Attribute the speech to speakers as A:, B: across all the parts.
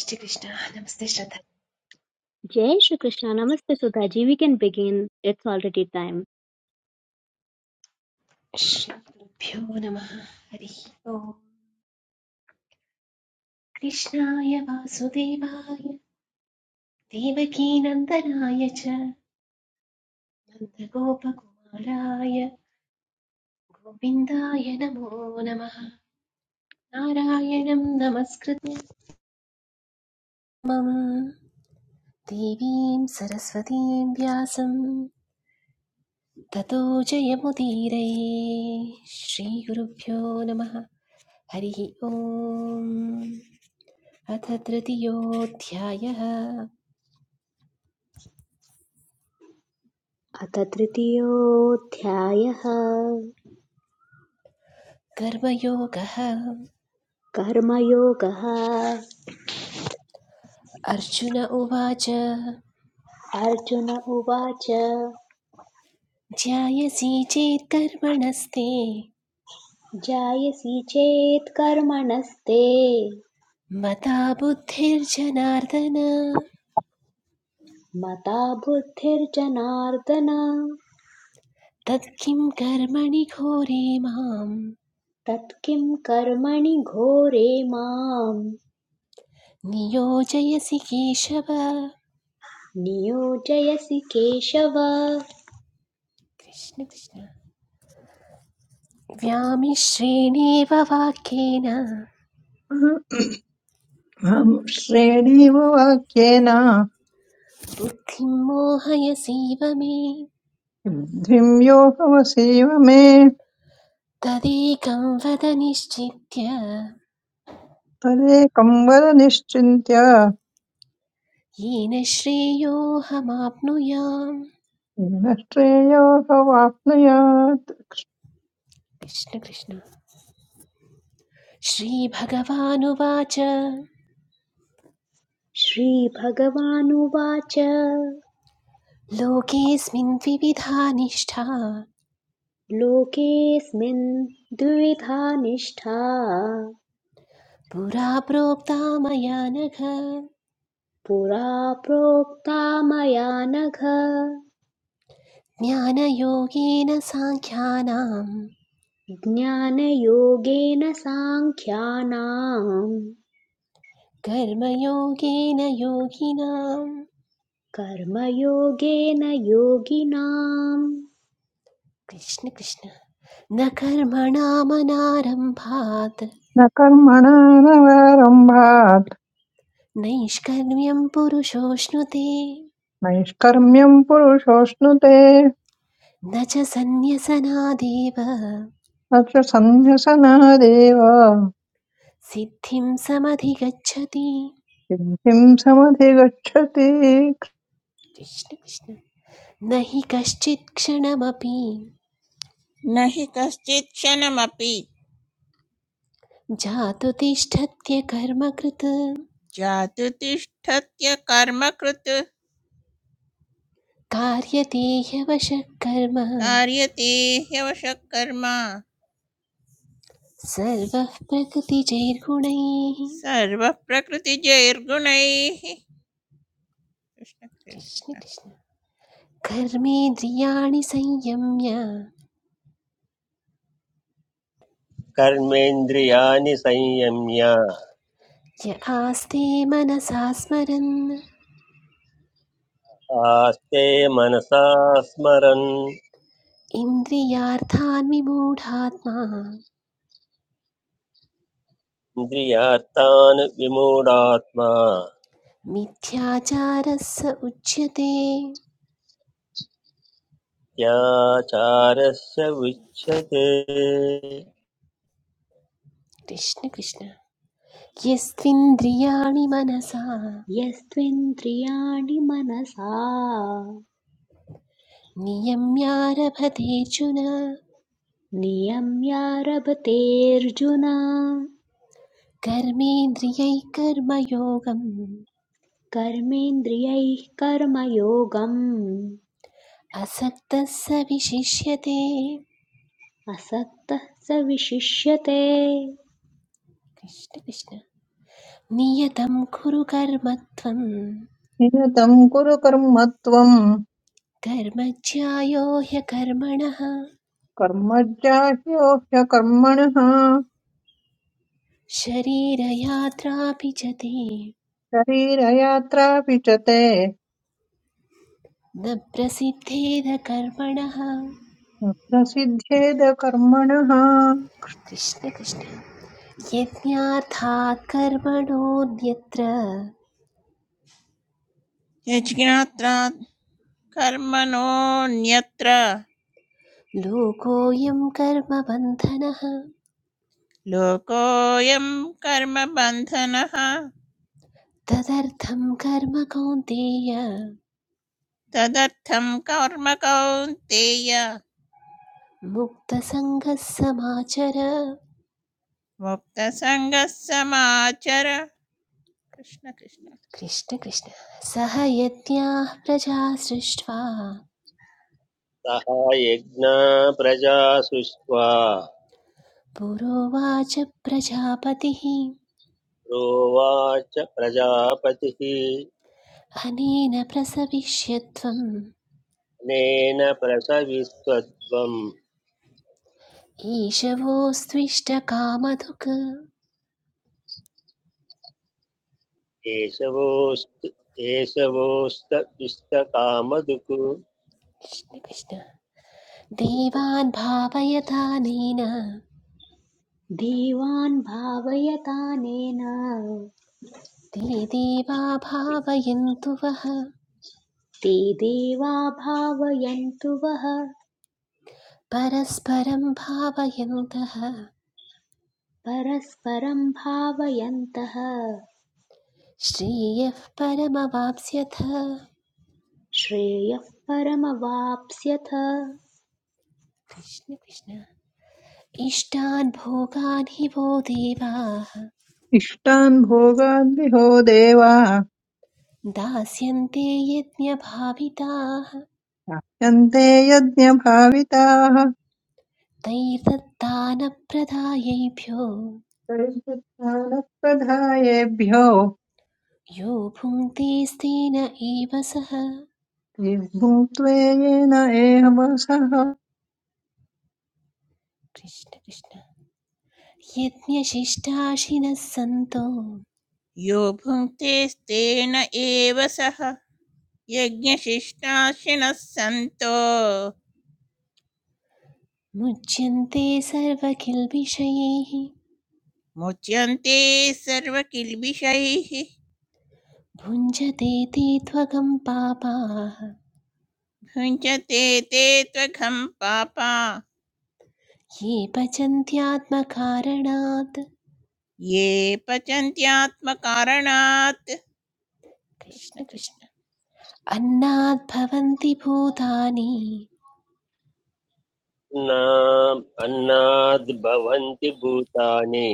A: श्रीकृष्ण नमस्ते श्रद्धा
B: Jai Shri Krishna. Namaste Sudhaji. We can begin. It's already time.
A: श्रीगुरुभ्यो नमः हरिः ओम् कृष्णाय वासुदेवाय देवकीनन्दनाय च नन्दगोपकुमाराय गोविन्दाय नमो नमः नारायणं नमस्कृत्य मम देवीं सरस्वतीं व्यासं ततो जयमुदीरये श्रीगुरुभ्यो नमः हरिः ओम् अथ तृतीयोऽध्यायः
B: अथ तृतीयोऽध्यायः
A: कर्मयोगः
B: कर्मयोगः
A: अर्जुन उवाच
B: अर्जुन उवाच
A: ध्यायसि चेत् कर्मणस्ते
B: जायसि चेत् कर्मणस्ते
A: मता बुद्धिर्जनार्दन
B: मता बुद्धिर्जनार्दन
A: तत्किं कर्मणि घोरे मां
B: तत्किं कर्मणि घोरे माम्
A: नियोजयसि केशव कृष्ण
B: नियोजयसि केशव
A: कृष्ण व्यामिश्रेणेव वाक्येन
C: अहं श्रेणीव वाक्येन
A: बुद्धिं मोहयसीव मे
C: द्विं यो भवसेव मे
A: तदेकं वद निश्चित्य
C: तदेकं वद निश्चिन्त्य
A: येन श्रेयोऽहमाप्नुयाम्
C: येन श्रेयो भवाप्नुयात्
A: कृष्ण कृष्ण श्रीभगवानुवाच
B: श्रीभगवानुवाच
A: लोकेऽस्मिन् द्विविधा निष्ठा
B: लोकेऽस्मिन् द्विविधा निष्ठा
A: पुरा प्रोक्ता मया नघ
B: पुरा प्रोक्ता मया नघ
A: ज्ञानयोगेन साङ्ख्यानां
B: ज्ञानयोगेन साङ्ख्यानाम्
A: कर्मयोगेन योगिनाम्
B: कर्मयोगेन योगिनाम्
A: कृष्ण कृष्ण न कर्मणामनारम्भात्
C: न कर्मणा नवारम्भात्
A: नैष्कर्म्यं पुरुषोऽश्नुते
C: नैष्कर्म्यं पुरुषोऽश्नुते
A: न च सन्न्यसनादेव
C: न च सन्न्यसनादेव
A: सिद्धिं समधिगच्छति
C: सिद्धिं समधिगच्छति
A: कृष्ण कृष्ण न हि कश्चित् क्षणमपि
D: न हि कश्चित् क्षणमपि
A: जातु तिष्ठत्य कर्मकृत्
D: जातु तिष्ठत्य कर्मकृत्
A: कार्यते ह्यवशः कर्म
D: कार्यते ह्यवशः कर्म
A: सर्वः प्रकृतिजैर्गुणैः
D: सर्वः प्रकृतिजैर्गुणैः कृष्ण
A: कृष्ण
D: कृष्ण
A: कृष्ण कर्मेन्द्रियाणि संयम्य
E: कर्मेन्द्रियाणि संयम्य
A: य आस्ते मनसा स्मरन्
E: आस्ते मनसा स्मरन्
A: इन्द्रियार्थान् विमूढात्मा
E: इन्द्रियार्थान् विमूढात्मा
A: मिथ्याचारः स उच्यते
E: त्याचारस्य विच्यते
A: कृष्ण कृष्ण यस्त्विन्द्रियाणि मनसा
B: यस्त्विन्द्रियाणि मनसा
A: नियम्यारभतेऽर्जुन
B: नियम्यारभतेऽर्जुन
A: कर्मेन्द्रियैः कर्मयोगम्
B: कर्मेन्द्रियैः कर्मयोगम्
A: असक्तः स विशिष्यते
B: असक्तः स विशिष्यते
A: कृष्ण कृष्ण नियतं कुरु कर्म त्वं
C: नियतं कुरु कर्म त्वं
A: कर्म ज्यायो ह्यकर्मणः
C: कर्मज्जाह्यो ह्यकर्मणः
A: शरीरयात्रापि च ते
C: शरीरयात्रापि च ते
A: न प्रसिद्धेद कर्मणः
C: प्रसिद्ध्येद कर्मणः
A: कृष्ण कृष्ण यज्ञार्थात् कर्मणोऽन्यत्र
D: यज्ञात्रा कर्मणोऽन्यत्र
A: लोकोऽयं कर्मबन्धनः
D: लोकोऽयं कर्मबन्धनः
A: तदर्थं कर्म कौन्तेय
D: तदर्थं कर्म कौन्तेय
A: मुक्तसङ्गः समाचर
D: मुक्तसङ्गः समाचर कृष्ण कृष्ण
A: कृष्ण कृष्ण सह यज्ञाः प्रजा सृष्ट्वा
E: सः यज्ञा प्रजा सृष्ट्वा
A: पुरोवाच प्रजापतिः
E: प्रोवाच प्रजापतिः
A: अनेन प्रसविष्यत्वम्
E: अनेन प्रसविस्त्वम्
A: ईशवोऽस्त्विष्टकामधुक्
E: एषवोऽस्त एषवोऽस्त इष्टकामधुक्
A: कृष्ण कृष्ण देवान् भावयतानेन
B: देवान् भावयतानेन
A: ते देवा भावयन्तु वः
B: ते देवा भावयन्तु वः
A: परस्परं भावयन्तः
B: परस्परं भावयन्तः
A: श्रेयः परमवाप्स्यथ
B: श्रेयः परमवाप्स्यथ
A: कृष्ण कृष्ण इष्टान् भोगान् हि वो देवाः
C: इष्टान् भोगान् विहो देवा
A: दास्यन्ते यज्ञभाविताः
C: प्राप्यन्ते यज्ञभाविताः
A: तैर्दत्तानप्रदायैभ्यो
C: प्रयुक्तानः प्रधायेभ्यो
A: यो भुङ्क्ते स्तेन एव सः
C: भुङ्क्त्वे येन एवमसः
A: कृष्ण कृष्ण यज्ञशिष्टाशिनः सन्तो
D: यो भुङ्क्ते तेन एव सः यज्ञशिष्टाशिनः सन्तो
A: मुच्यन्ते सर्वकिल्बिषयैः
D: मुच्यन्ते सर्वकिल्बिषैः
A: भुञ्जते ते त्वगं पापाः
D: भुञ्जते ते त्वघं पापा
A: ये पचन्त्यात्मकारणात्
D: ये पचन्त्यात्मकारणात्
A: कृष्ण
D: कृष्ण
A: कृष्ण
D: कृष्ण
A: अन्नात् भवन्ति भूतानि
E: अन्नाम् अन्नाद् भवन्ति भूतानि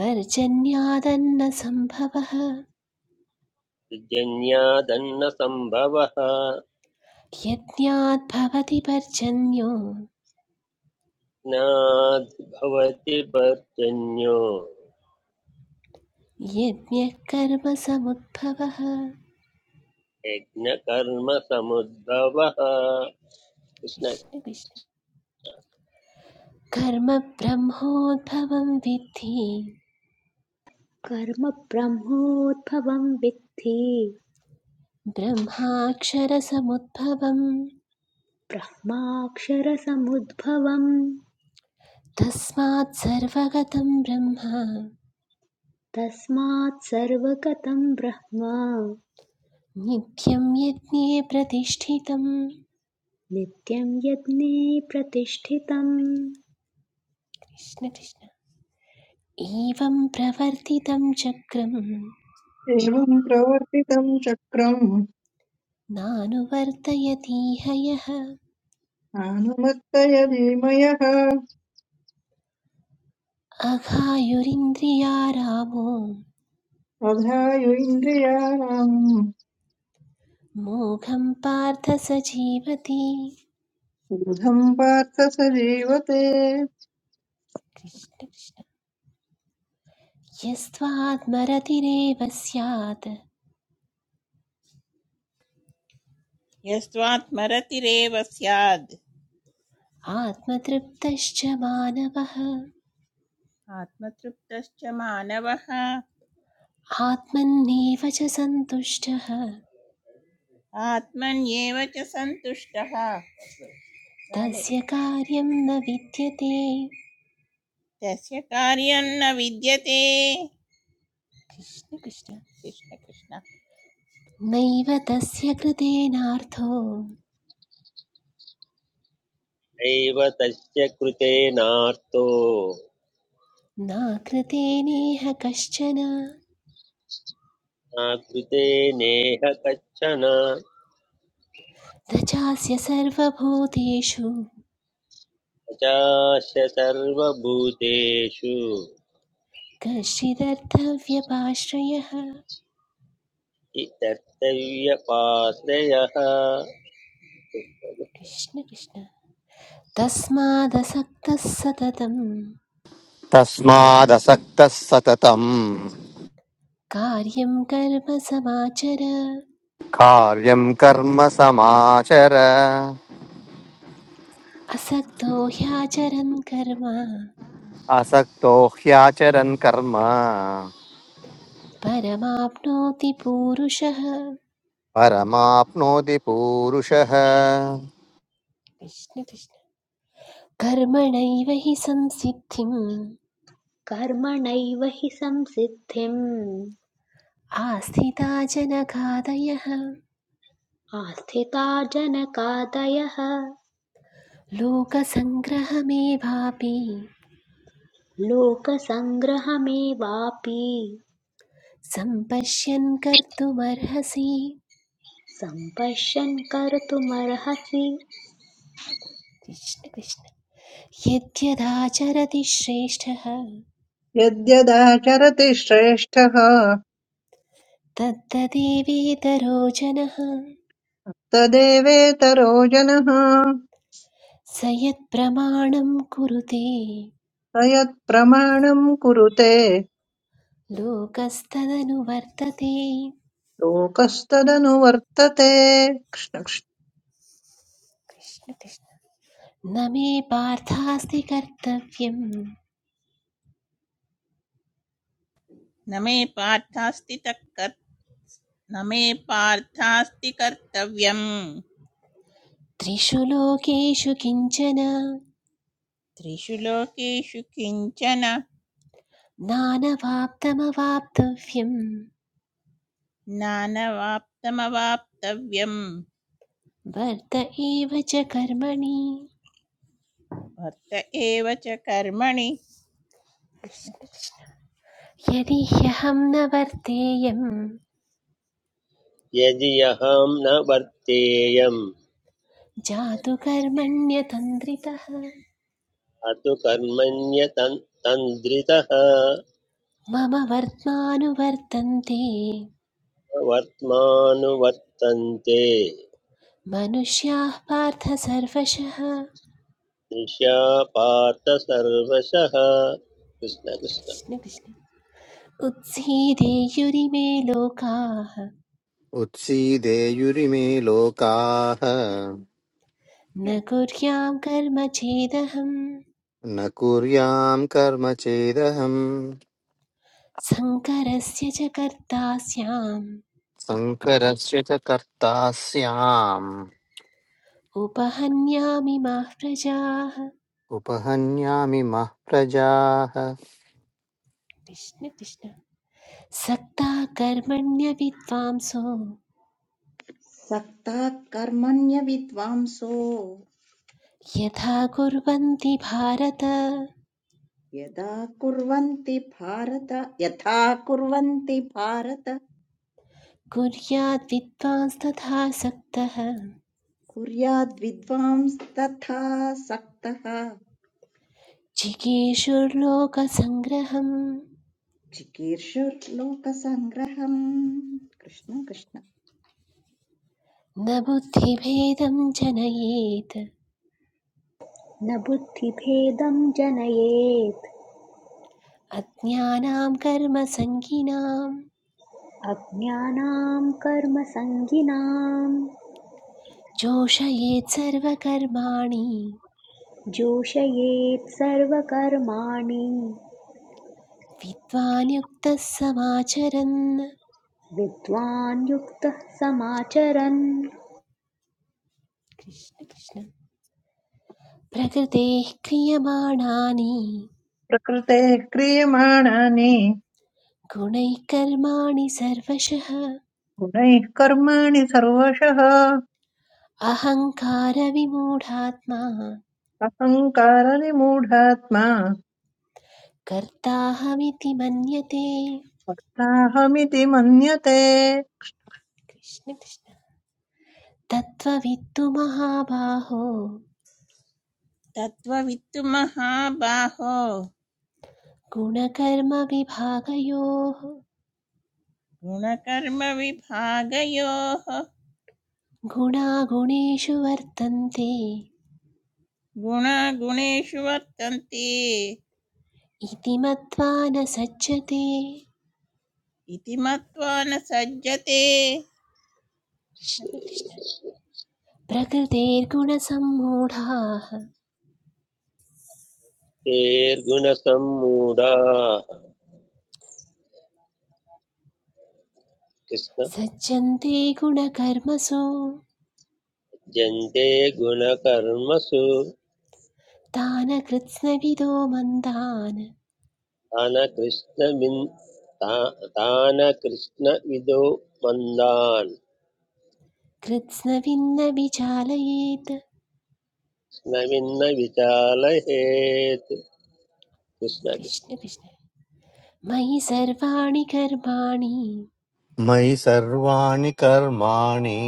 A: पर्जन्यादन्नसम्भवः
E: जन्यादन्न संभवः
A: यज्ञात् भवति पर्जन्यो
E: नाद् भवति पर्जन्यो
A: यज्ञः कर्मसमुद्भवः
E: यज्ञकर्मसमुद्भवः कृष्ण
A: कृष्ण कृष्ण कर्म ब्रह्मोद्भवं विद्धि
B: कर्म ब्रह्मोद्भवं विद्धि
A: ब्रह्माक्षरसमुद्भवं
B: ब्रह्माक्षरसमुद्भवम्
A: तस्मात् सर्वगतं ब्रह्म
B: तस्मात् सर्वगतं ब्रह्म
A: नित्यं यज्ञे प्रतिष्ठितं
B: नित्यं यज्ञे प्रतिष्ठितम्
A: कृष्ण कृष्ण एवं प्रवर्तितं चक्रं
C: एवं प्रवर्तितं चक्रम्
A: नानुवर्तयतीह यः
C: आनुमत्तयदीमयः
A: अघायुरिन्द्रियारामो
C: अधायु इन्द्रियाणाम्
A: मोघं पार्थ स जीवति
C: ऊर्ध्वम् पार्थ स जीवते
A: कृष्ण कृष्ण यस्त्वात्मरतिरेव स्यात्
D: यस्त्वात्मरतिरेव स्याद्
A: आत्मतृप्तश्च मानवः
D: आत्मतृप्तश्च मानवः
A: आत्मन्नेव च सन्तुष्टः
D: आत्मन्येव च सन्तुष्टः काले
A: तस्य कार्यं न विद्यते
D: तस्य कार्यं न विद्यते
A: कृष्ण कृष्ण
D: कृष्ण कृष्ण
A: नैव तस्य कृतेनार्थो
E: एव तस्य कृते नार्तो
A: न कृतेनेह कश्चन न
E: न कृते नेह कच्छन
A: चास्य सर्वभूतेषु
E: पचाश सर्वभूतेषु
A: कश्चिदर्थव्यपाश्रयः
E: हि कर्तव्यपाश्रयः
A: कृष्ण कृष्ण तस्मादसक्तः सततं
F: तस्मादसक्तः सततम्
A: कार्यं कर्म समाचर
F: कार्यं कर्म समाचर
A: असक्तो ह्याचरन् कर्म
F: असक्तो ह्याचरन् कर्म
A: परमाप्नोति पूरुषः
F: परमाप्नोति पूरुषः
A: कृष्ण कृष्ण कर्मणैव हि संसिद्धिं
B: कर्मणैव हि संसिद्धिम्
A: आस्थिता जनकादयः
B: आस्थिता जनकादयः
A: लोकसङ्ग्रहमेवापि
B: लोकसङ्ग्रहमेवापि
A: सम्पश्यन् कर्तुमर्हसि
B: सम्पश्यन् कर्तुमर्हसि
A: कृष्ण कृष्ण यद्यदाचरति श्रेष्ठः
C: यद्यदाचरति श्रेष्ठः
A: तद्ददेवेतरो जनः
C: तदेवेतरो जनः
A: स यत्प्रमाणं कुरुते
C: स यत्प्रमाणम् कुरुते
A: लोकस्तदनुवर्तते
C: लोकस्तदनुवर्तते कृष्ण- कृष्ण।
A: कृष्ण कृष्ण न मे पार्थास्ति कर्तव्यं
D: न मे पार्थास्ति तत् न मे पार्थास्ति कर्तव्यम्
A: त्रिषु लोकेषु
D: त्रिषु लोकेषु किञ्चन
A: नानवाप्तमवाप्तव्यं
D: नानवाप्तमवाप्तव्यम्
A: वर्त एव च कर्मणि
D: वर्त एव च कर्मणि कृष्ण
A: यदि ह्यहं न वर्तेयं
E: यदि अहं न वर्तेयम्
A: जातु कर्मण्यतन्द्रितः
E: अतु कर्मण्यतन्द्रितः
A: मम वर्त्मानुवर्तन्ते
E: वर्त्मानुवर्तन्ते
A: मनुष्याः पार्थ सर्वशः
E: निशा पार्थ सर्वशः कृष्ण कृष्ण
A: कृष्ण कृष्ण उत्सीदेयुरिमे लोकाः
G: उत्सीदेयुरिमे लोकाः
A: न कुर्यां कर्म चेदहं
G: न कुर्याम् कर्म चेदहम्
A: शङ्करस्य च कर्ता स्याम्
G: शङ्करस्य च कर्ता स्याम्
A: उपहन्यामिमाः प्रजाः
G: उपहन्यामि मः प्रजाः
A: कृष्ण कृष्ण सक्ता कर्मण्य विद्वांसो
H: सक्ताः कर्मण्य विद्वांसो
A: यथा कुर्वन्ति भारत
H: यदा कुर्वन्ति भारत यथा कुर्वन्ति भारत
A: कुर्याद् विद्वांस्तथा सक्तः
H: कुर्याद्विद्वांस तथा सक्तः
A: जिगीषुर्लोकसङ्ग्रहम्
H: चिकीर्षुर्लोकसङ्ग्रहम् कृष्ण कृष्ण
A: न बुद्धिभेदं जनयेत्
B: न बुद्धिभेदं जनयेत्
A: अज्ञानां कर्मसङ्गिनां
B: अज्ञानां कर्मसङ्गिनां
A: जोषयेत् सर्वकर्माणि
B: जोषयेत् सर्वकर्माणि
A: विद्वान् युक्तः समाचरन्
B: विद्वान् युक्तः समाचरन्
A: कृष्ण कृष्ण प्रकृतेः क्रियमाणानि
C: प्रकृतेः क्रियमाणानि
A: गुणैः कर्माणि सर्वशः
C: गुणैः कर्माणि सर्वशः
A: अहङ्कारविमूढात्मा
C: अहङ्कारनिमूढात्मा
A: कर्ताहमिति मन्यते
C: भक्ताहमिति मन्यते
A: कृष्ण कृष्ण तत्त्ववित्तु महाबाहो
D: तत्त्ववित्तु महाबाहो
A: गुणकर्मविभागयोः
D: गुणकर्मविभागयोः
A: गुणागुणेषु वर्तन्ते
D: गुणागुणेषु वर्तन्ते
A: इति मत्वा न सज्जते
D: इति मत्वा न सज्जते कृष्ण
A: कृष्ण
D: कृष्ण।
A: कृष्ण प्रकृतेर्गुणसम्मूढाः
E: तेर्गुणसम्मूढाः कृष्ण
A: सज्जन्ते गुणकर्मसु
E: जन्ते गुणकर्मसु
A: तान् कृत्स्नविदो मन्दान्
E: तान कृष्णविन् तान कृष्णविदो मन्दान्
A: कृत्स्नविन्न विचालयेत्
E: कृष्णविन्न विचालयेत् कृष्ण कृष्ण
A: कृष्ण कृष्ण मयि सर्वाणि कर्माणि
G: मयि सर्वाणि कर्माणि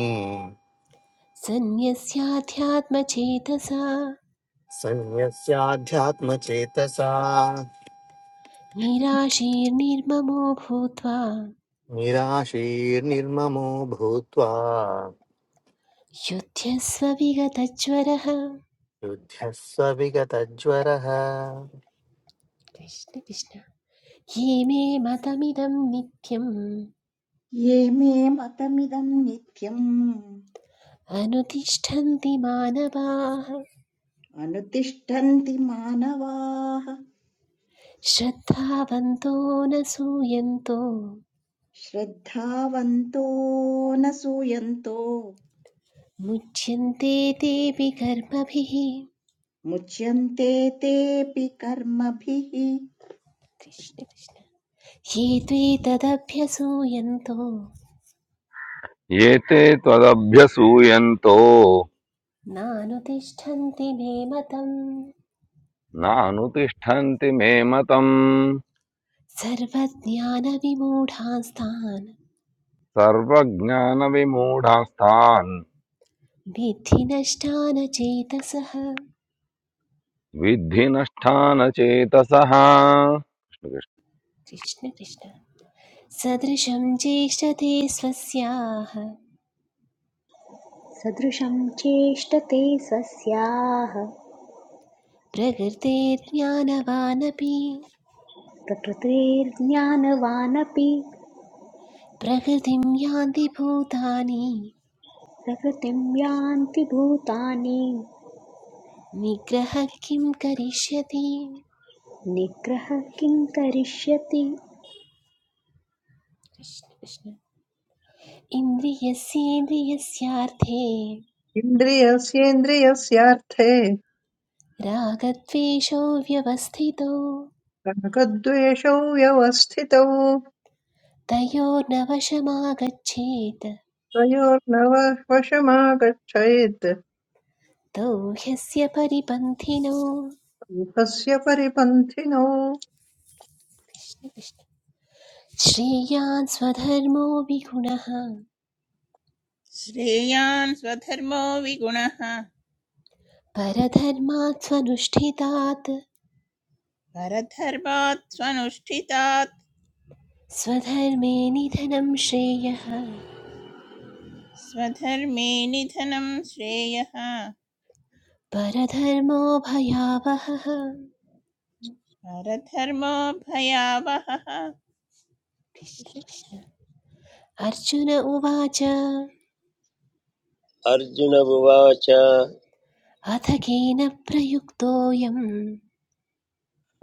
A: सन्न्यस्याध्यात्मचेतसा
G: सन्न्यस्याध्यात्मचेतसा
A: निराशीर्निर्ममो भूत्वा
G: निराशीर्निर्ममो भूत्वा
A: युध्यस्व विगतज्वरः
G: युध्यः स विगतज्वरः
A: कृष्ण कृष्ण ये मे मतमिदं नित्यम्
H: ये मे मतमिदं नित्यम्
A: अनुतिष्ठन्ति मानवाः
H: अनुतिष्ठन्ति मानवाः
A: श्रद्धावन्तो न सूयन्तो
H: श्रद्धावन्तो न सूयन्तो
A: मुच्यन्ते तेऽपि कर्मभिः
H: मुच्यन्ते तेऽपि कर्मभिः
A: कृष्ण कृष्ण ये त्वेतदभ्यसूयन्तो
I: एते त्वदभ्यसूयन्तो
A: नानुतिष्ठन्ति मे मतम्
I: नानुतिष्ठन्ति मे मतम्
A: सर्वज्ञानविमूढांस्तान्
I: सर्वज्ञानविमूढास्तान्
A: विद्धि नष्टान चेतसः
I: विद्धि नष्टानचेतसः
A: कृष्ण कृष्ण सदृशं चेष्टते स्वस्याः
B: सदृशं चेष्टते स स्याः
A: प्रकृतेर्ज्ञानवानपि
B: प्रकृतेर्ज्ञानवानपि
A: प्रकृतिं यान्ति भूतानि
B: प्रकृतिं यान्ति भूतानि
A: निग्रहः किं करिष्यति
B: निग्रहः किं करिष्यति
A: कृष्ण कृष्ण इन्द्रियस्येन्द्रियस्यार्थे
C: इन्द्रियस्येन्द्रियस्यार्थे
A: रागद्वेषौ व्यवस्थितौ
C: रागद्वेषौ व्यवस्थितौ
A: तयोर्नवशमागच्छेत्
C: तयोर्नव वशमागच्छेत्
A: तौ ह्यस्य परिपन्थिनौ
C: ऊहस्य परिपन्थिनो
A: श्रेयान् स्वधर्मो विगुणः
D: श्रेयान् स्वधर्मो विगुणः
A: परधर्मात् स्वनुष्ठितात्
D: परधर्मात् स्वनुष्ठितात्
A: स्वधर्मे निधनं श्रेयः
D: स्वधर्मे निधनं श्रेयः
A: परधर्मो भयावहः
D: परधर्मो भयावहः
A: कृष्ण कृष्ण अर्जुन उवाच अथ
E: अर्जुन उवाच
A: केन प्रयुक्तोऽयं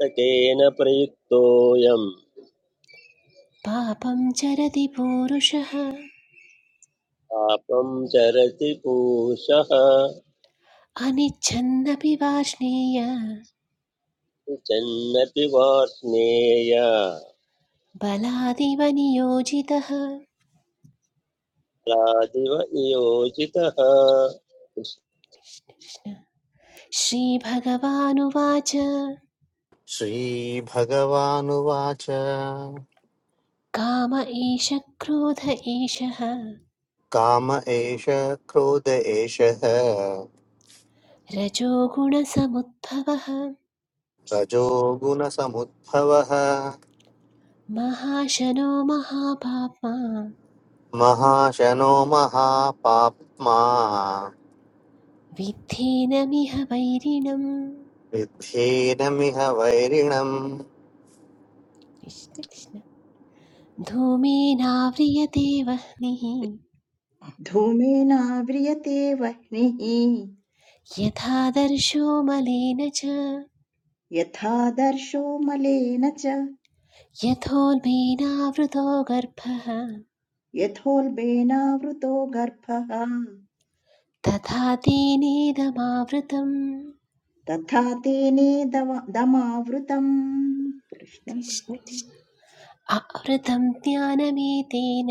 E: "न केन प्रयुक्तोऽयम्
A: पापं चरति पूरुषः
E: पापं चरति पूषः
A: अनिच्छन्नपि वार्ष्णेय
E: चन्नपि वार्ष्णेय
A: बलादिव नियोजितः
E: लादिव नियोजितः
A: श्रीभगवानुवाच
G: श्रीभगवानुवाच
A: काम एष क्रोध एषः
G: काम एष क्रोध एषः
A: रजोगुणसमुद्भवः
G: रजोगुणसमुद्भवः
A: महाशनो महापाप्मा
G: महाशनो महापाप्मा
A: विद्धेनमिह वैरिणम्
G: विद्धेनमिह वैरिणम्
A: कृष्ण कृष्ण धूमेनाव्रियते वह्निः
H: धूमेनाव्रियते वह्निः
A: यथा दर्शो मलेन च
H: यथादर्शो मलेन च
A: यथोन्मेनावृतो गर्भः
H: यथोल्बेनावृतो गर्भः
A: तथा तेनेदमावृतम्
H: तथा तेने दव- दमावृतम् कृष्ण
A: कृष्ण
H: कृष्ण।
A: कृष्ण। आवृतं ज्ञानमेतेन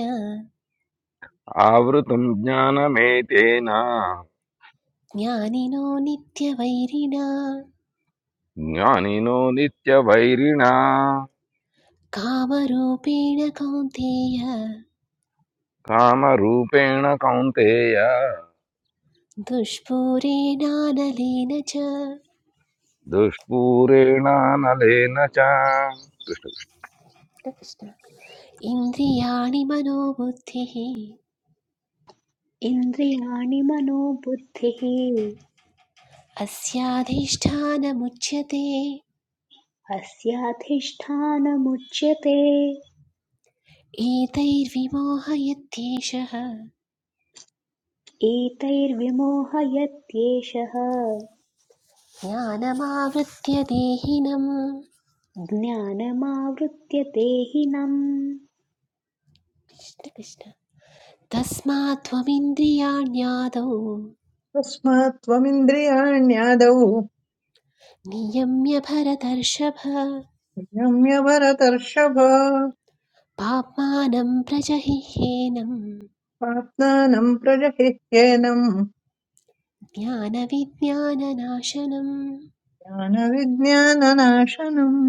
I: आवृतम् ज्ञानमेतेन
A: ज्ञानिनो नित्यवैरिणा
I: ज्ञानिनो नित्यवैरिणा
A: कामरूपेण कौन्तेय
I: कामरूपेण कौन्तेय
A: दुष्पूरेणानलेन च
I: दुष्पूरेणानलेन च
A: कृष्ण। इन्द्रियाणि मनोबुद्धिः
B: इन्द्रियाणि मनो बुद्धिः
A: अस्याधिष्ठानमुच्यते
B: अस्याधिष्ठानमुच्यते
A: एतैर्विमोहयत्येषः
B: एतैर्विमोहयत्येषः
A: ज्ञानमावृत्य देहिनम्
B: ज्ञानमावृत्य देहिनम्
A: कृष्ण कृष्ण तस्मात्त्वमिन्द्रियाण्यादौ
C: तस्मात् त्वमिन्द्रियाण्यादौ
A: नियम्य भरतर्षभ
C: नियम्य भरतर्षभ
A: पाप्मानं प्रजहिह्येनं
C: आत्मानं प्रजहिह्येनम्
A: ज्ञानविज्ञाननाशनम्
C: ज्ञानविज्ञाननाशनम्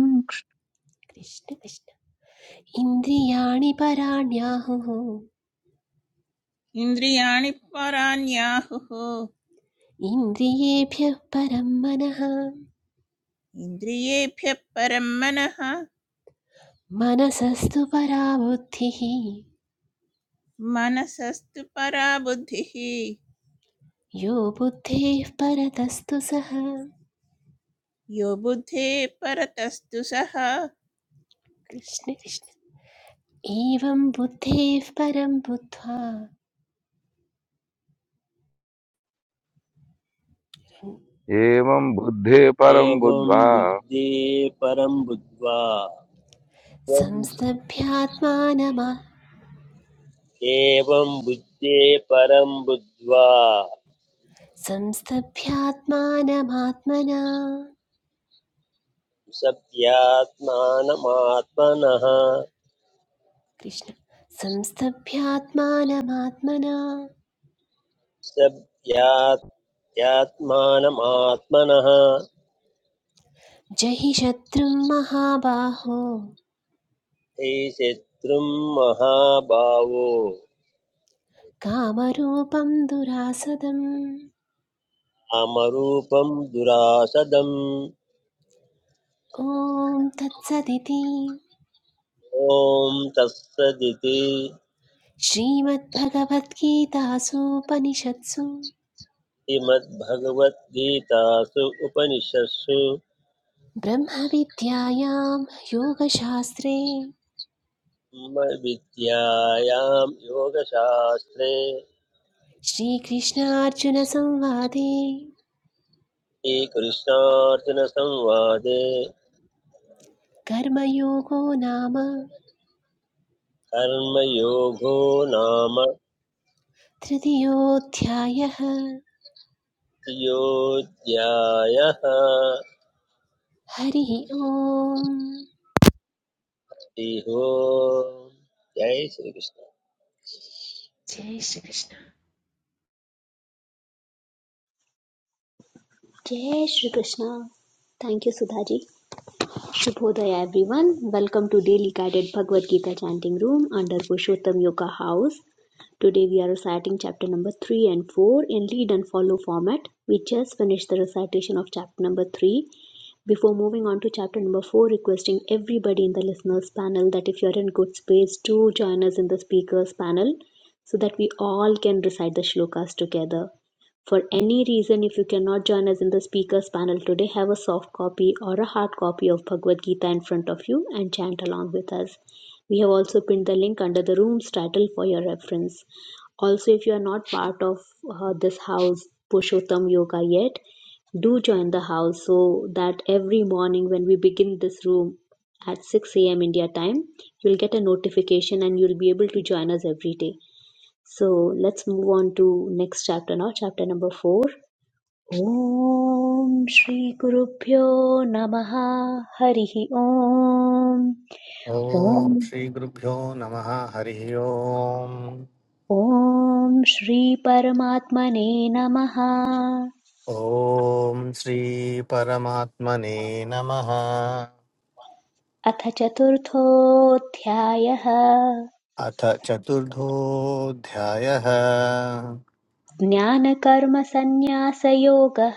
A: कृष्ण कृष्ण इन्द्रियाणि पराण्याहुः
D: इन्द्रियाणि पराण्याहुः
A: इन्द्रियेभ्यः परं मनः
D: इन्द्रियेभ्यः परं मनः
A: मनसस्तु परा बुद्धिः
D: मनसस्तु परा बुद्धिः
A: यो बुद्धेः परतस्तु सः
D: यो बुद्धे परतस्तु सः कृष्ण
A: कृष्ण कृष्ण एवं बुद्धेः परं बुद्ध्वा
I: एवम् बुद्धे परम्
E: एवं
I: बुद्ध्वा
E: बुद्धे परं बुद्ध्वा एवं
A: संस्तभ्यात्मानमा
E: बुद्धे परं बुद्ध्वा
A: संस्तभ्यात्मानमात्मना
E: सभ्यात्मानमात्मनः
A: कृष्ण संस्तभ्यात्मानमात्मना
E: सभ्यात्
A: जहि शत्रुं महाबाहो
E: ते शत्रुं महाभावो
A: कामरूपं दुरासदम्
E: अमरूपं दुरासदम्
A: ॐ तत्सदिति
E: ॐ तत्सदिति
A: श्रीमद्भगवद्गीतासूपनिषत्सु
E: श्रीमद्भगवद्गीतासु उपनिषत्सु
A: ब्रह्मविद्यायां योगशास्त्रे
E: ब्रह्मविद्यायां योगशास्त्रे
A: श्रीकृष्णार्जुनसंवादे
E: श्रीकृष्णार्जुनसंवादे
A: कर्मयोगो नाम
E: कर्मयोगो नाम
A: तृतीयोऽध्यायः
E: योऽध्यायः हरिः
A: हरिः ओम्
E: ओम् जय श्रीकृष्ण
A: जय श्रीकृष्ण
B: जय Shri Krishna thank you Sudha ji Shubhodaya everyone. Welcome to Daily Guided Bhagavad Gita Chanting Room under Purushottam Yoga House. Today we are reciting chapter number 3 and 4 in lead and follow format. We just finished the recitation of chapter number 3 before moving on to chapter number four, requesting everybody in the listeners panel that if you're in good space to join us in the speakers panel so that we all can recite the shlokas together. For any reason, if you cannot join us in the speakers panel today, have a soft copy or a hard copy of Bhagavad Gita in front of you and chant along with us. We have also pinned the link under the room's title for your reference. Also, if you are not part of uh, this house, Pushottam Yoga yet, do join the house so that every morning when we begin this room at 6 a.m. India time, you'll get a notification and you'll be able to join us every day. So let's move on to next chapter now, chapter number 4. Om Shri ॐ श्रीगुरुभ्यो Harihi Om
G: ॐ
B: Om
G: श्रीगुरुभ्यो नमः हरिः ओम्
B: Om Shri Paramatmane नमः
G: ॐ श्रीपरमात्मने नमः
B: अथ चतुर्थोऽध्यायः
G: अथ चतुर्थोऽध्यायः
B: ज्ञानकर्मसन्न्यासयोगः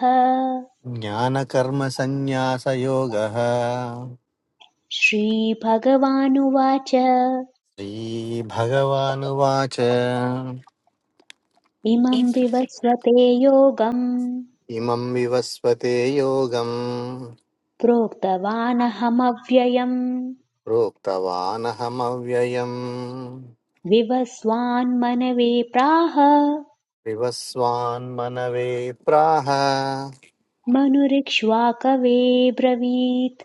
G: ज्ञानकर्मसन्न्यासयोगः
B: श्रीभगवानुवाच
G: श्रीभगवानुवाच
B: इमं विवस्वते योगम्
G: इमं विवस्वते योगम्
B: प्रोक्तवानहमव्ययम्
G: प्रोक्तवानहमव्ययम्
B: विवस्वान्मनवे प्राह
G: विवस्वान्मनवे प्राह
B: मनुरिक्ष्वाकवे ब्रवीत्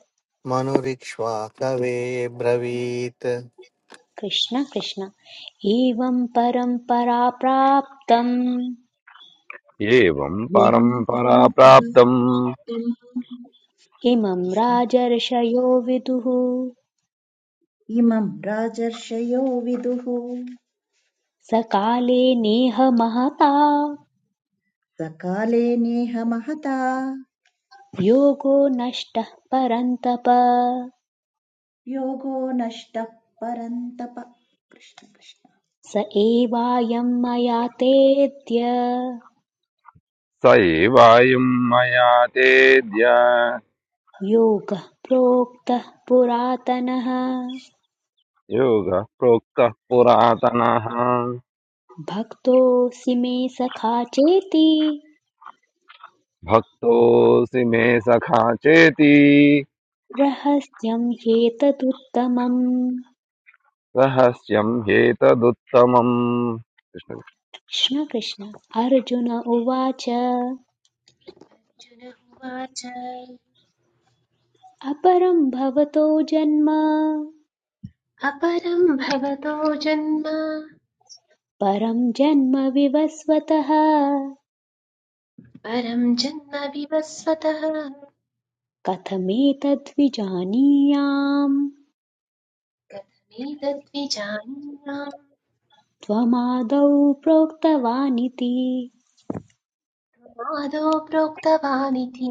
G: मनुरिक्ष्वाकवे ब्रवीत्
B: कृष्ण कृष्ण एवं परम्परा प्राप्तम्
I: एवं
H: एवं
I: परम्परा प्राप्तं
H: परम्पराप्तम्
B: इमं
H: कृष्ण
B: राजर्षयो विदुः
H: इमं राजर्षयो विदुः
B: सकाले नेह महता
H: सकाले नेह महता
B: योगो नष्टः परन्तप
H: योगो नष्टः परन्तप कृष्ण कृष्ण
B: स एवायं मया तेऽद्य
I: स एवायं मया तेद्य
B: योगः प्रोक्तः पुरातनः
I: योगः प्रोक्तः पुरातनः
B: भक्तोऽसि मे सखा चेति
I: भक्तोऽसि मे सखा चेति
B: रहस्यं ह्येतदुत्तमम्
I: रहस्यं ह्येतदुत्तमम्
B: कृष्ण कृष्ण अर्जुन उवाच
A: अर्जुन उवाच
B: अपरं भवतो जन्म
A: अपरं भवतो जन्म
B: परं जन्म विवस्वतः
A: परं जन्म विवस्वतः
B: कथमेतद्विजानीयाम्
A: कथमेतद्विजानीयाम्
B: त्वमादौ प्रोक्तवानिति
A: आदौ प्रोक्तवानिति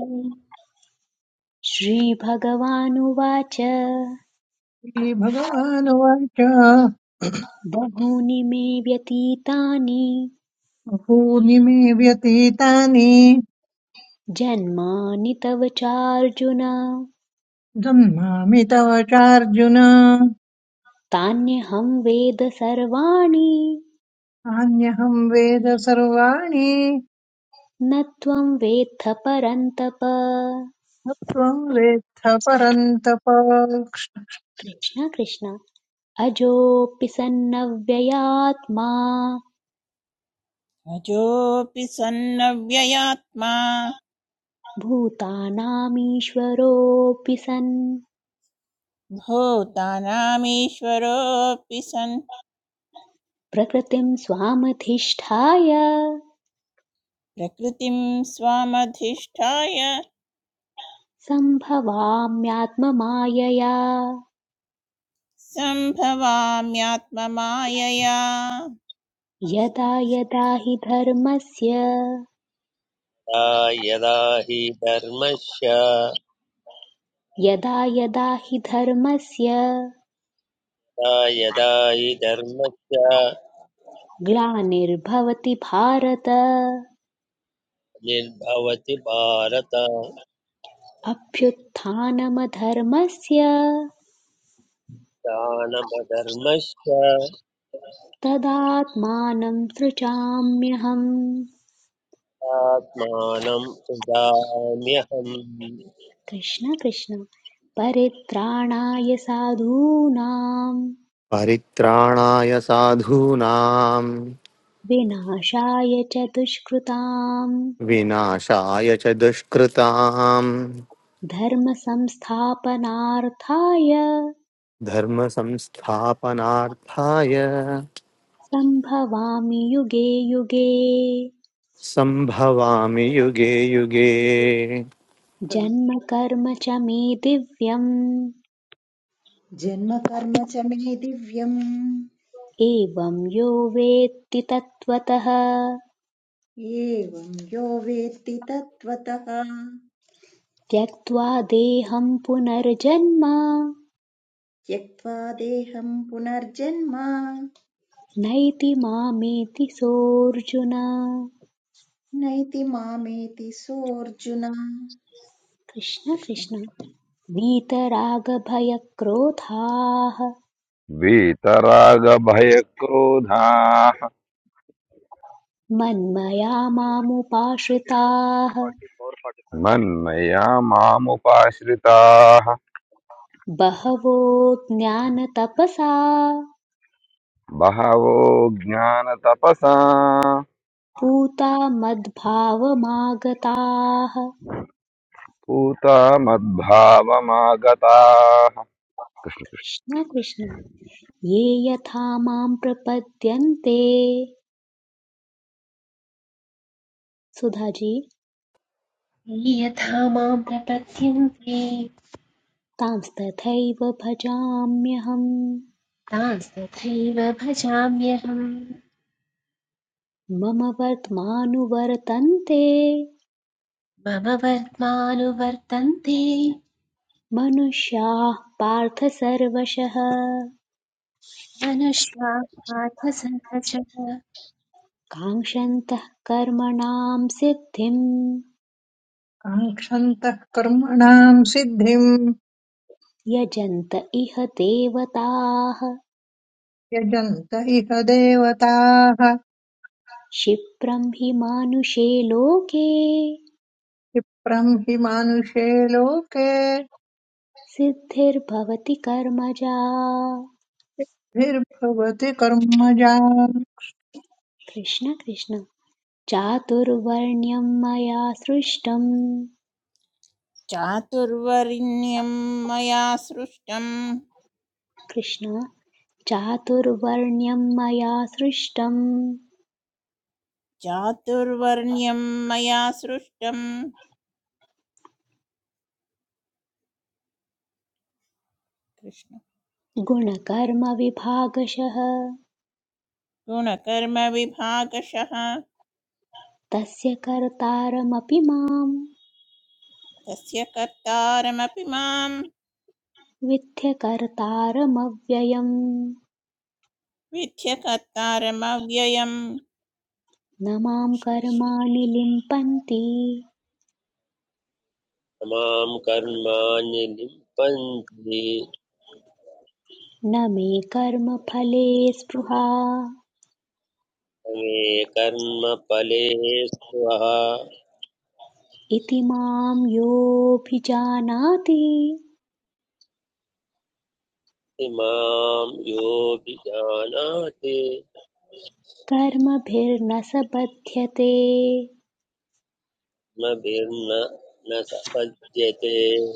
B: श्रीभगवानुवाच
C: श्रीभगवानुवाच
B: बहूनि मे व्यतीतानि
C: बहूनि मे व्यतीतानि
B: जन्मानि तव चार्जुन
C: जन्मामि तव चार्जुन
B: तान्यहं वेद सर्वाणि
C: नान्यहं वेद सर्वाणि
B: न त्वं वेत्थ परन्तप
C: त्वं वेत्थ परन्तप
B: कृष्ण कृष्ण अजोऽपि सन्नव्ययात्मा
D: अजोऽपि सन्नव्ययात्मा
B: भूतानामीश्वरोऽपि सन्
D: भूतानामीश्वरोऽपि सन्
B: प्रकृतिं स्वामधिष्ठाय
D: प्रकृतिं स्वामधिष्ठाय
B: सम्भवाम्यात्ममायया
D: सम्भवाम्यात्ममायया
B: यदा यदा हि धर्मस्य
E: ता यदा हि धर्मस्य
B: यदा यदा हि धर्मस्य
E: ता यदा हि धर्मस्य
B: ग्लानिर्भवति भारत
E: निर्भवति भारत
B: अभ्युत्थानमधर्मस्य
E: दानवधर्मस्य
B: तदात्मानं सृजाम्यहम्
E: आत्मानं सुधाम्यहम्
B: कृष्ण कृष्ण परित्राणाय साधूनां
G: परित्राणाय साधूनां
B: विनाशाय च दुष्कृताम्
G: विनाशाय च दुष्कृताम्
B: धर्मसंस्थापनार्थाय
G: धर्मसंस्थापनार्थाय
B: सम्भवामि युगे युगे
G: संभवामि युगे युगे
B: जन्म कर्म च मे दिव्यम्
H: जन्मकर्म च मे दिव्यम्
B: एवं यो वेत्ति तत्त्वतः
H: एवं यो वेत्ति तत्त्वतः
B: त्यक्त्वा देहं पुनर्जन्म
H: त्यक्त्वा देहं पुनर्जन्म
B: नैति मामेति सोऽर्जुन
H: नैति मामेति सोऽर्जुन
B: कृष्ण
H: कृष्ण
B: कृष्ण वीतरागभयक्रोधाः
I: वीतरागभयक्रोधाः
B: मन्मया मामुपाश्रिताः
I: मन्मया मामुपाश्रिताः
B: बहवो ज्ञानतपसा
I: बहवो ज्ञानतपसा
B: पूता मद्भावमागताः
I: पूता मद्भावमागताः कृष्ण
B: कृष्ण कृष्ण ये यथा मां प्रपद्यन्ते सुधाजी
A: ये यथा मां प्रपद्यन्ते
B: तां तथैव भजाम्यहम्
A: तांस्तथैव भजाम्यहम्
B: मम वर्त्मानुवर्तन्ते
A: मम वर्त्मानुवर्तन्ते
B: मनुष्याः पार्थ सर्वशः
A: मनुष्याः पार्थसङ्कचः
B: काङ्क्षन्तः कर्मणां सिद्धिं
C: काङ्क्षन्तः कर्मणाम् सिद्धिम्
B: यजन्त इह देवताः
C: यजन्त इह देवताः
B: क्षिप्रं हि मानुषे लोके
C: क्षिप्रम् हि मानुषे लोके
B: सिद्धिर्भवति कर्मजा
C: द्विर्भवति कर्मजा
B: कृष्ण कृष्ण चातुर्वर्ण्यं मया सृष्टं
D: चातुर्वर्ण्यं मया सृष्टं
B: कृष्ण चातुर्वर्ण्यं मया सृष्टं
D: चातुर्वर्ण्यं मया सृष्टं कृष्ण
B: गुणकर्मविभागशः
D: गुणकर्मविभागशः
B: तस्य कर्तारमपि मां
D: तस्य कर्तारमपि मां
B: विद्ध्यकर्तारमव्ययम्
D: विध्यकर्तारमव्ययं
B: न मां कर्माणि लिम्पन्ति
E: मां कर्माणि लिम्पन्ति
B: न मे कर्मफले स्पृहा
E: मे कर्मफले स्वः
B: इति मां योऽभिजानाति
E: इमां योऽभिजानाति
B: कर्मभिर्न स बध्यते
E: मभिर्न न सपद्यते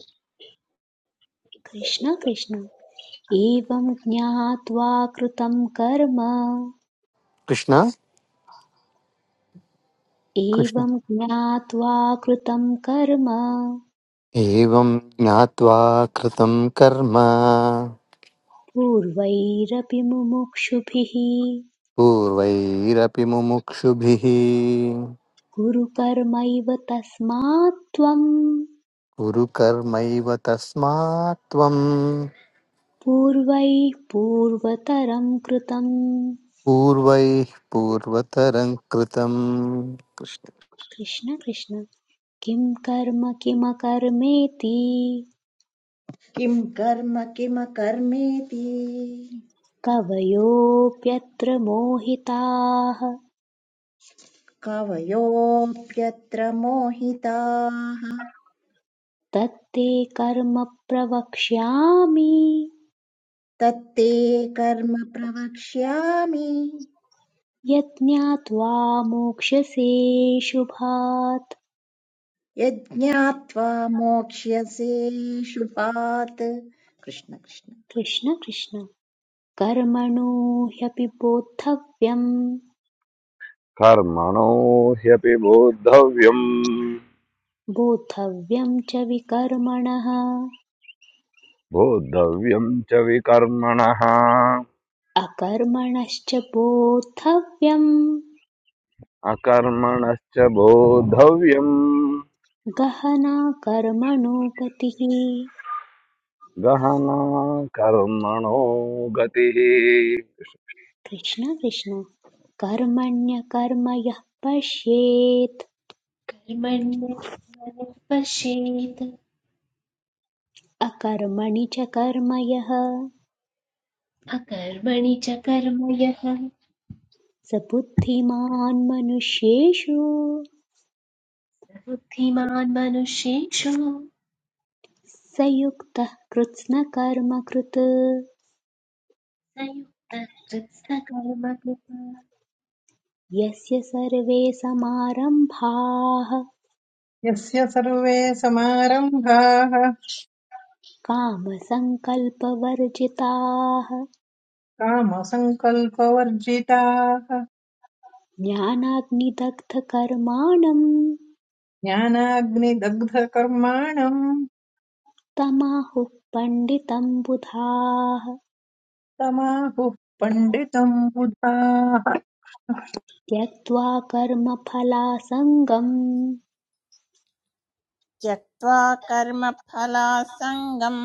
B: कृष्ण कृष्ण एवं ज्ञात्वा कृतं कर्म
G: कृष्ण कृष्ण
B: एवं ज्ञात्वा कृतं कर्म
G: एवं ज्ञात्वा कृतं कर्म
B: पूर्वैरपि मुमुक्षुभिः
G: पूर्वैरपि मुमुक्षुभिः
B: गुरुकर्मैव तस्मात् त्वं
G: कुरु कर्मैव तस्मात् त्वं
B: पूर्वैः पूर्वतरं कृतम्
G: पूर्वैः पूर्वतरं कृतम् कृष्ण।
B: कृष्ण कृष्ण किं कर्म किमकर्मेति
H: किं कर्म किमकर्मेति
B: कवयोऽप्यत्र मोहिताः
H: कवयोऽप्यत्र मोहिताः
B: तत्ते कर्म प्रवक्ष्यामि
H: तत्ते कर्म प्रवक्ष्यामि
B: यज्ञात्वा मोक्ष्यसे शुभात्
H: यज्ञात्वा मोक्ष्यसे शुभात् कृष्ण कृष्ण
B: कृष्ण कृष्ण कर्मणो ह्यपि बोद्धव्यम्
I: कर्मणो ह्यपि बोद्धव्यम्
B: बोद्धव्यं च विकर्मणः
I: बोद्धव्यम् च विकर्मणः
B: अकर्मणश्च बोद्धव्यम्
I: अकर्मणश्च बोद्धव्यम्
B: गहना कर्मणो गतिः
I: गहना कर्मणो गतिः
B: कृष्ण कृष्ण कर्मण्यकर्म यः पश्येत्
A: कर्मण्य कर्मणः पश्येत्
B: अकर्मणि च कर्म यः
A: अकर्मणि च कर्म यः स
B: स बुद्धिमान् मनुष्येषु
A: बुद्धिमान् मनुष्येषु
B: स युक्तः कृत्स्नकर्म कृत्
A: संयुक्तः कृत्स्नकर्म
B: यस्य सर्वे समारम्भाः
C: यस्य सर्वे समारम्भाः
B: कामसङ्कल्पवर्जिताः
C: कामसङ्कल्पवर्जिताः
B: ज्ञानाग्निदग्धकर्माणम्
C: ज्ञानाग्निदग्धकर्माणम्
B: तमाहुः पण्डितम्बुधाः
C: तमाहुः पण्डितम् बुधाः
B: त्यक्त्वा कर्मफलासङ्गं
D: त्यक्त्वा कर्मफलासङ्गं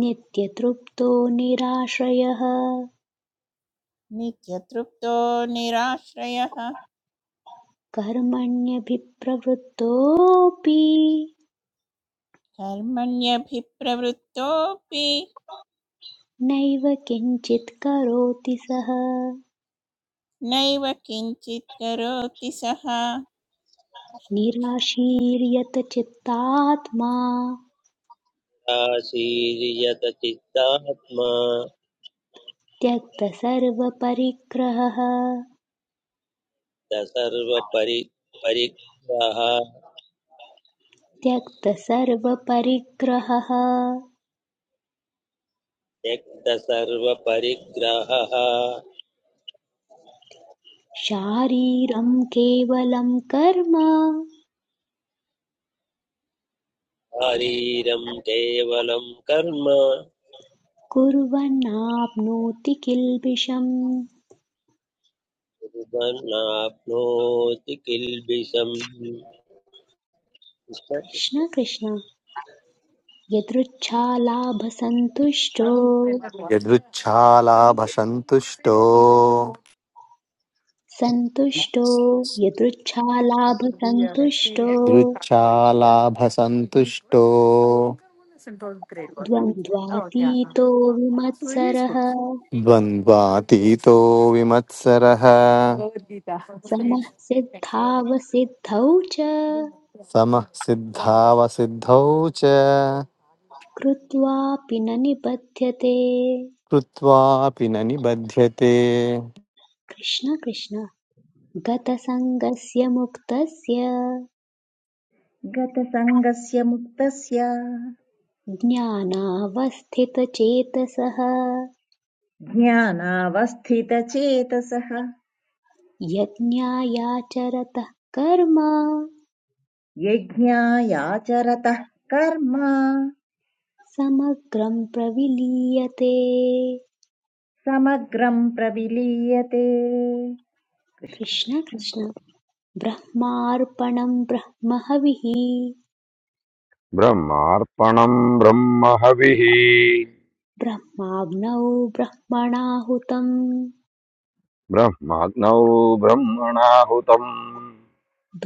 B: नित्यतृप्तो निराश्रयः
D: नित्यतृप्तो निराश्रयः
B: कर्मण्यभिप्रवृत्तोऽपि
D: कर्मण्यभिप्रवृत्तोऽपि
B: नैव किञ्चित् करोति सः
D: नैव किञ्चित् करोति सः
B: निराशीर्यत चित्तात्मा
E: शीर्यत चित्तात्मा
B: त्यक्तसर्वपरिग्रहः
E: सर्व परि परिग्रह
B: त्यक्तसर्वपरिग्रहः
E: त्यक्त सर्व परिग्रहः
B: शारीरं केवलं कर्म
E: शारीरं केवलं कर्म
B: कुर्वन्नाप्नोति किल्बिषम्
E: कुर्वन्नाप्नोति किल्बिषम्
B: कृष्ण कृष्ण यदृच्छालाभसन्तुष्टो
G: यदृच्छालाभसन्तुष्टो
B: सन्तुष्टो यदृच्छालाभसन्तुष्टो
G: यदृच्छालाभसन्तुष्टो
B: द्वन्द्वातीतो विमत्सरः
G: द्वन्द्वातीतो विमत्सरः
B: समः सिद्धावसिद्धौ च
G: समः सिद्धावसिद्धौ च
B: कृत्वापि न निबध्यते
G: कृत्वापि न निबध्यते
B: कृष्ण कृष्ण गतसङ्गस्य मुक्तस्य
H: गतसङ्गस्य मुक्तस्य
B: ज्ञानावस्थितचेतसः
H: ज्ञानावस्थितचेतसः
B: यज्ञायाचरतः कर्म
H: यज्ञायाचरतः कर्म
B: समग्रं प्रविलीयते
H: समग्रं प्रविलीयते कृष्ण
B: कृष्ण
H: कृष्ण
B: कृष्ण ब्रह्मार्पणं ब्रह्महविः
I: ब्रह्मार्पणम् ब्रह्महविः
B: ब्रह्माग्नौ ब्रह्मणाहुतं
I: ब्रह्माग्नौ ब्रह्मणाहुतम्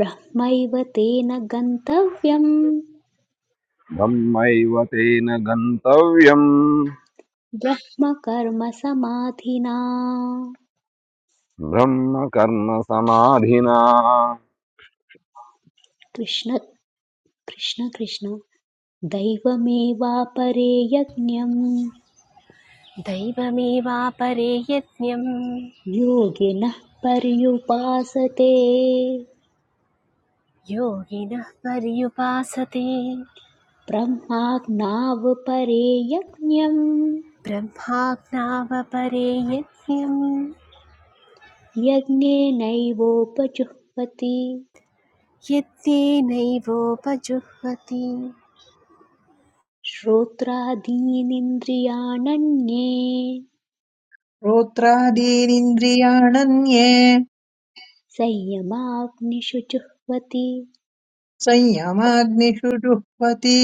B: ब्रह्मैव तेन गन्तव्यं
I: ब्रह्मैव तेन गन्तव्यम्
B: ब्रह्मकर्म
I: ब्रह्म कर्म समाधिना
B: कृष्ण कृष्ण कृष्ण दैवमेवापरे यज्ञं
A: दैवमेवापरे यज्ञम्
B: योगिनः पर्युपासते
A: योगिनः पर्युपासते
B: ब्रह्माज्ञावपरे यज्ञं
A: ब्रह्माज्ञावपरे यज्ञम्
B: यज्ञेनैवोपजुह्वति
A: यत्तेनैवोपजुह्वति
B: श्रोत्रादीनिन्द्रियाणन्ये
C: श्रोत्रादीनिन्द्रियाणन्ये
B: संयमाग्निषु जुह्वति
C: संयमाग्निषु जुह्वति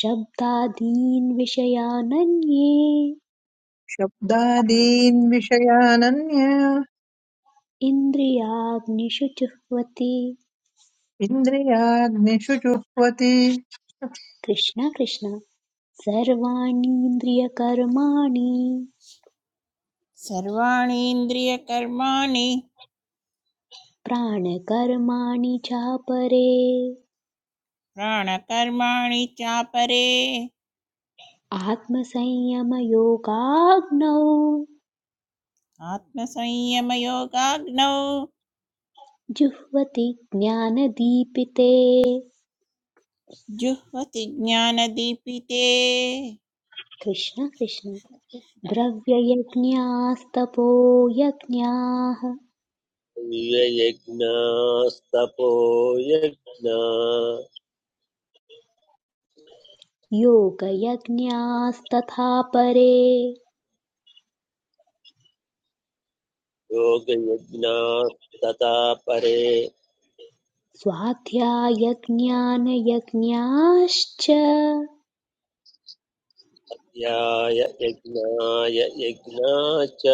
B: शब्दादीन् विषयानन्ये
C: शब्दादीन् विषयानन्य
B: इन्द्रियाग्निषु जुह्वति
C: इन्द्रियाग्निषु जुह्वति
B: कृष्ण कृष्ण सर्वाणीन्द्रियकर्माणि
D: सर्वाणीन्द्रियकर्माणि
B: प्राणकर्माणि चापरे
D: प्राणकर्माणि चापरे
B: आत्मसंयमयोगाग्नौ
D: आत्मसंयमयोगाग्नौ
B: जुह्वति ज्ञानदीपिते
D: जुह्वति ज्ञानदीपिते
B: कृष्ण कृष्ण
D: कृष्ण
B: द्रव्ययज्ञास्तपो यज्ञाः
E: यज्ञास्तपो यज्ञा
B: योगयज्ञास्तथा परे
E: योगयज्ञास्तथा परे
B: स्वाध्यायज्ञानयज्ञाश्च
E: ध्याय यज्ञाय यज्ञा च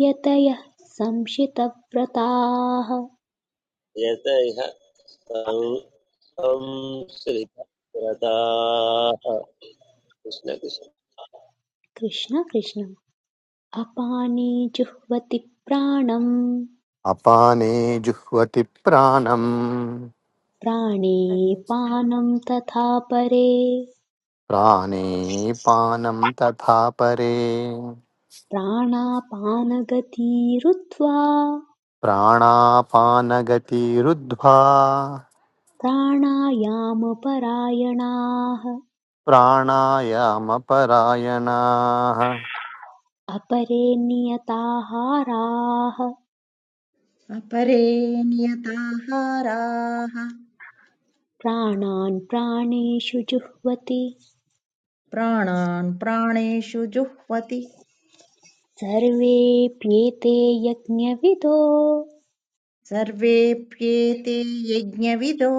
B: यतयः संशितव्रताः
E: यत इह सं- संसृतव्रताः कृष्णकृष्ण
B: कृष्ण कृष्ण अपाने जुह्वति प्राणं
G: अपाने जुह्वति प्राणम्
B: प्राणे पानं तथा परे
G: प्राणे पानं तथा परे
B: प्राणापानगतिरुत्वा
G: प्राणापानगतिरुद्ध्वा
B: प्राणायामपरायणाः
G: प्राणायामपरायणाः
B: अपरे नियताहाराः
H: अपरे नियताहाराः
B: प्राणान् प्राणेषु जुह्वति
H: प्राणान् प्राणेषु जुह्वति
B: सर्वेऽप्येते यज्ञविदो
H: सर्वेऽप्येते यज्ञविदो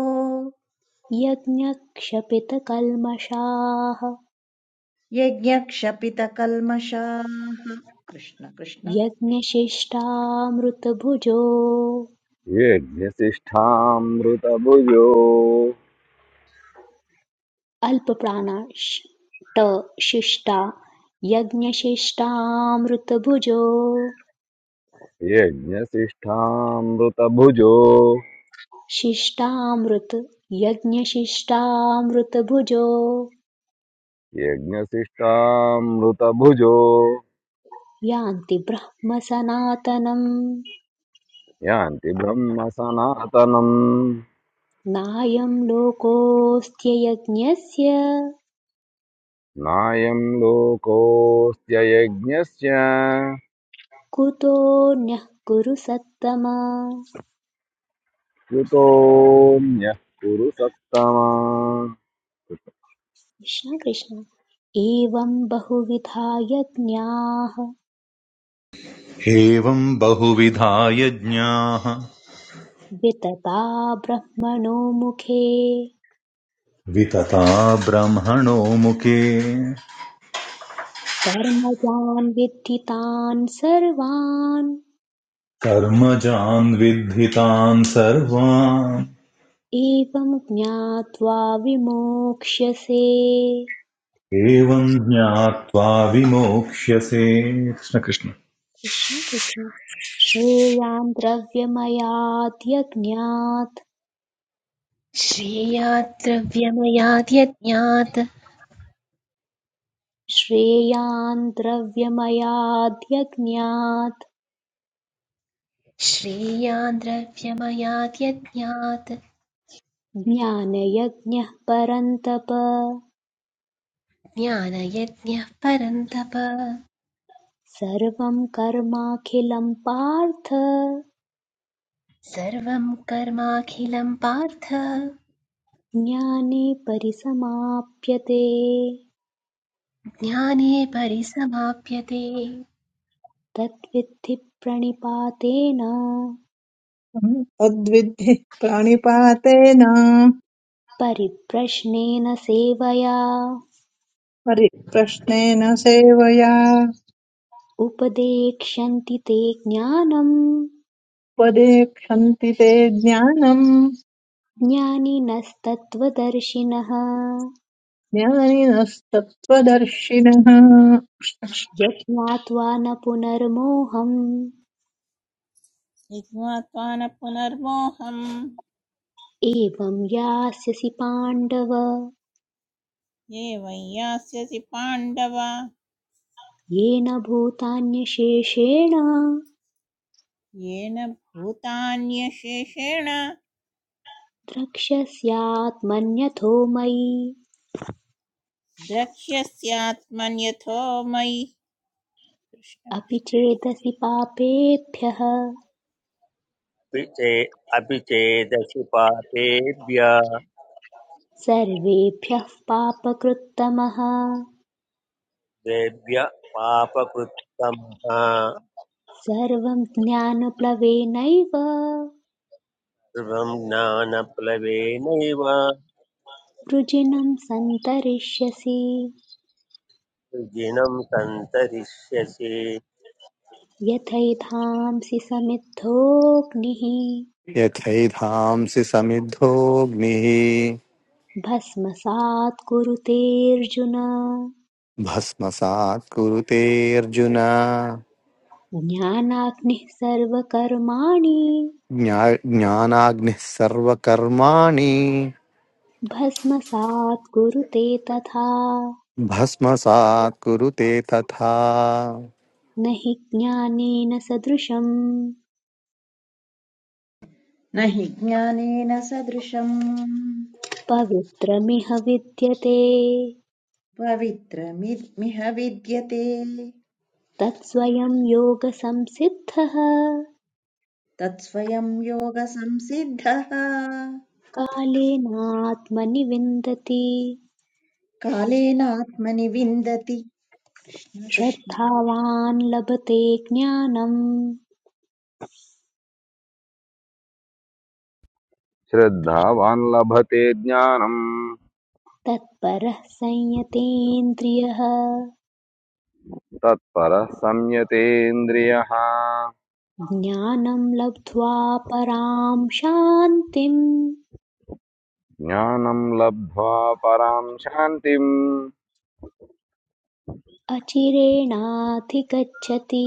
B: यज्ञक्षपितकल्मषाः
H: यज्ञक्षपितकल्मषाः कृष्ण कृष्ण
B: यज्ञशिष्टामृतभुजो
I: यज्ञसिष्ठामृतभुजो
B: अल्पप्राणाष्टशिष्टा यज्ञशिष्टामृतभुजो
I: यज्ञसिष्ठामृतभुजो
B: शिष्टामृत यज्ञशिष्टामृतभुजो
I: यज्ञसिष्ठामृतभुजो
B: यान्ति ब्रह्मसनातनम्
I: यान्ति ब्रह्म सनातनम्
B: नायं लोकोऽस्त्ययज्ञस्य
I: नायं लोकोऽस्त्ययज्ञस्य
B: कुतोऽन्यः कुरु सत्तम
I: कृतोऽन्यः कुरु सत्तमा
B: कृष्ण कृष्ण एवं बहुविधा यज्ञाः
J: एवम् बहुविधा यज्ञाः
B: वितता ब्रह्मणो मुखे
J: वितता ब्रह्मणो मुखे
B: कर्मजान् विद्धि तान् सर्वान्
J: कर्मजान् विद्धितान् सर्वान्
B: एवं ज्ञात्वा विमोक्ष्यसे
J: एवम् ज्ञात्वा विमोक्ष्यसे कृष्णकृष्ण
B: कृष्ण कृष्ण श्रेयान् द्रव्यमयाद्यज्ञात्
A: श्रेयात् द्रव्यमयात् यज्ञात्
B: श्रेयान् द्रव्यमयाद्यज्ञात्
A: श्रेयान् द्रव्यमयात् यज्ञात्
B: ज्ञानयज्ञः परन्तप
A: ज्ञानयज्ञः परन्तप
B: सर्वं कर्माखिलं पार्थ
A: सर्वं कर्माखिलं पार्थ
B: ज्ञाने परिसमाप्यते
A: ज्ञाने परिसमाप्यते
B: तद्विद्धि प्रणिपातेन
C: तद्विद्धि प्राणिपातेन
B: परिप्रश्नेन सेवया
C: परिप्रश्नेन सेवया
B: उपदेक्ष्यन्ति ते ज्ञानम्
C: उपदेक्षन्ति ते ज्ञानम्
B: ज्ञानिनस्तत्त्वदर्शिनः
C: ज्ञानिनस्तत्त्वदर्शिनः
B: यत् न पुनर्मोहम्
D: जिज्ञात्वा न पुनर्मोहम्
B: एवं यास्यसि पाण्डव
D: ये वै यास्यसि पाण्डव
B: येन भूतान्यशेषेण
D: येन भूतान्यशेषेण
B: द्रक्ष्यस्यात्मन्यथो मयि
D: द्रक्ष्यस्यात्मन्यथो मयि कृष्ण
B: अपि
D: कृष्ण
B: चेदसि पापेभ्यः
E: अपि चे अपि चेदसि पापेभ्य
B: सर्वेभ्यः पापकृत्तमः
E: द्वेभ्य पापकृत्तमः
B: सर्वं ज्ञानप्लवेनैव
E: सर्वं ज्ञानप्लवेनैव
B: वृजिनं सन्तरिष्यसि
E: विजिनं सन्तरिष्यसि
B: यथैधांसि समिद्धोऽग्निः
G: यथैधांसि समिद्धोऽग्निः
B: भस्मसात् कुरुते कुरुतेऽर्जुन
G: भस्मसात् कुरुते अर्जुन
B: ज्ञानाग्निः सर्वकर्माणि
G: ज्ञा- ज्ञानाग्निः सर्वकर्माणि
B: भस्मसात् कुरुते तथा
G: भस्मसात् कुरुते तथा
B: न हि ज्ञानेन सदृशम्
H: न हि ज्ञानेन सदृशम्
B: पवित्रमिह विद्यते
H: पवित्रमिह विद्यते
B: तत्स्वयं योगसंसिद्धः
H: तत्स्वयं योगसंसिद्धः
B: कालेनात्मनि विन्दति
H: कालेनात्मनि विन्दति कृष्ण कृष्ण
B: श्रद्धावान् लभते ज्ञानम्
I: श्रद्धावान् लभते ज्ञानम्
B: तत्परः संयतेन्द्रियः
I: तत्परः संयतेन्द्रियः
B: ज्ञानम् लब्ध्वा पराम् शान्तिम्
I: ज्ञानं लब्ध्वा परां शान्तिम्
B: अचिरेणाधिगच्छति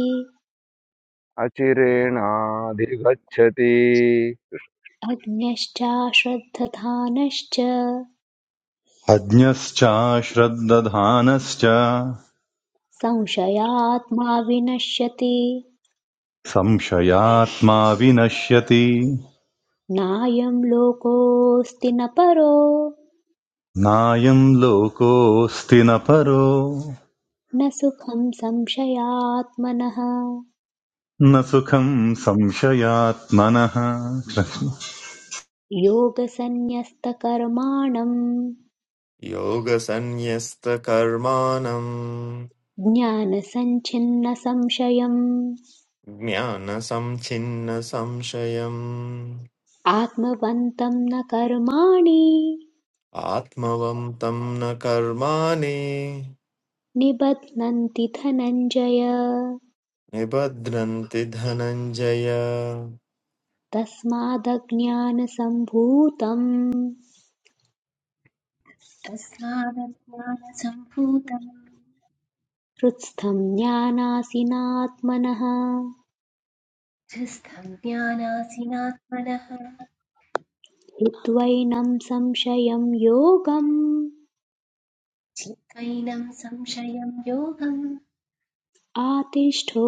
I: अचिरेणाधिगच्छति
B: अग्न्यश्चाश्रद्धधानश्च
J: अज्ञश्चाश्रद्दधानश्च
B: संशयात्मा विनश्यति
J: संशयात्मा विनश्यति
B: नायं लोकोऽस्ति न परो
J: नायम् लोकोऽस्ति न परो
B: न सुखं संशयात्मनः
J: न सुखम् संशयात्मनः कृष्ण
B: योगसन्न्यस्तकर्माणं
K: Yogasanyastakarma
B: ज्ञानसञ्छिन्नसंशयम् आत्मवन्तं न कर्माणि
K: namgnanasamchinnasamshayamatmavamtamnakarmaniibadran
B: निबध्नन्ति धनञ्जय
K: tithananjaya.
B: तस्मादज्ञानसम्भूतं
A: तस्मादज्ञानसम्भूतम्
B: हृत्स्थं ज्ञानासिनात्मनः
A: हृस्थं ज्ञानासीनात्मनः
B: हित्वैनं संशयं योगम्
A: चित्वैनं संशयं योगम्
B: आतिष्ठो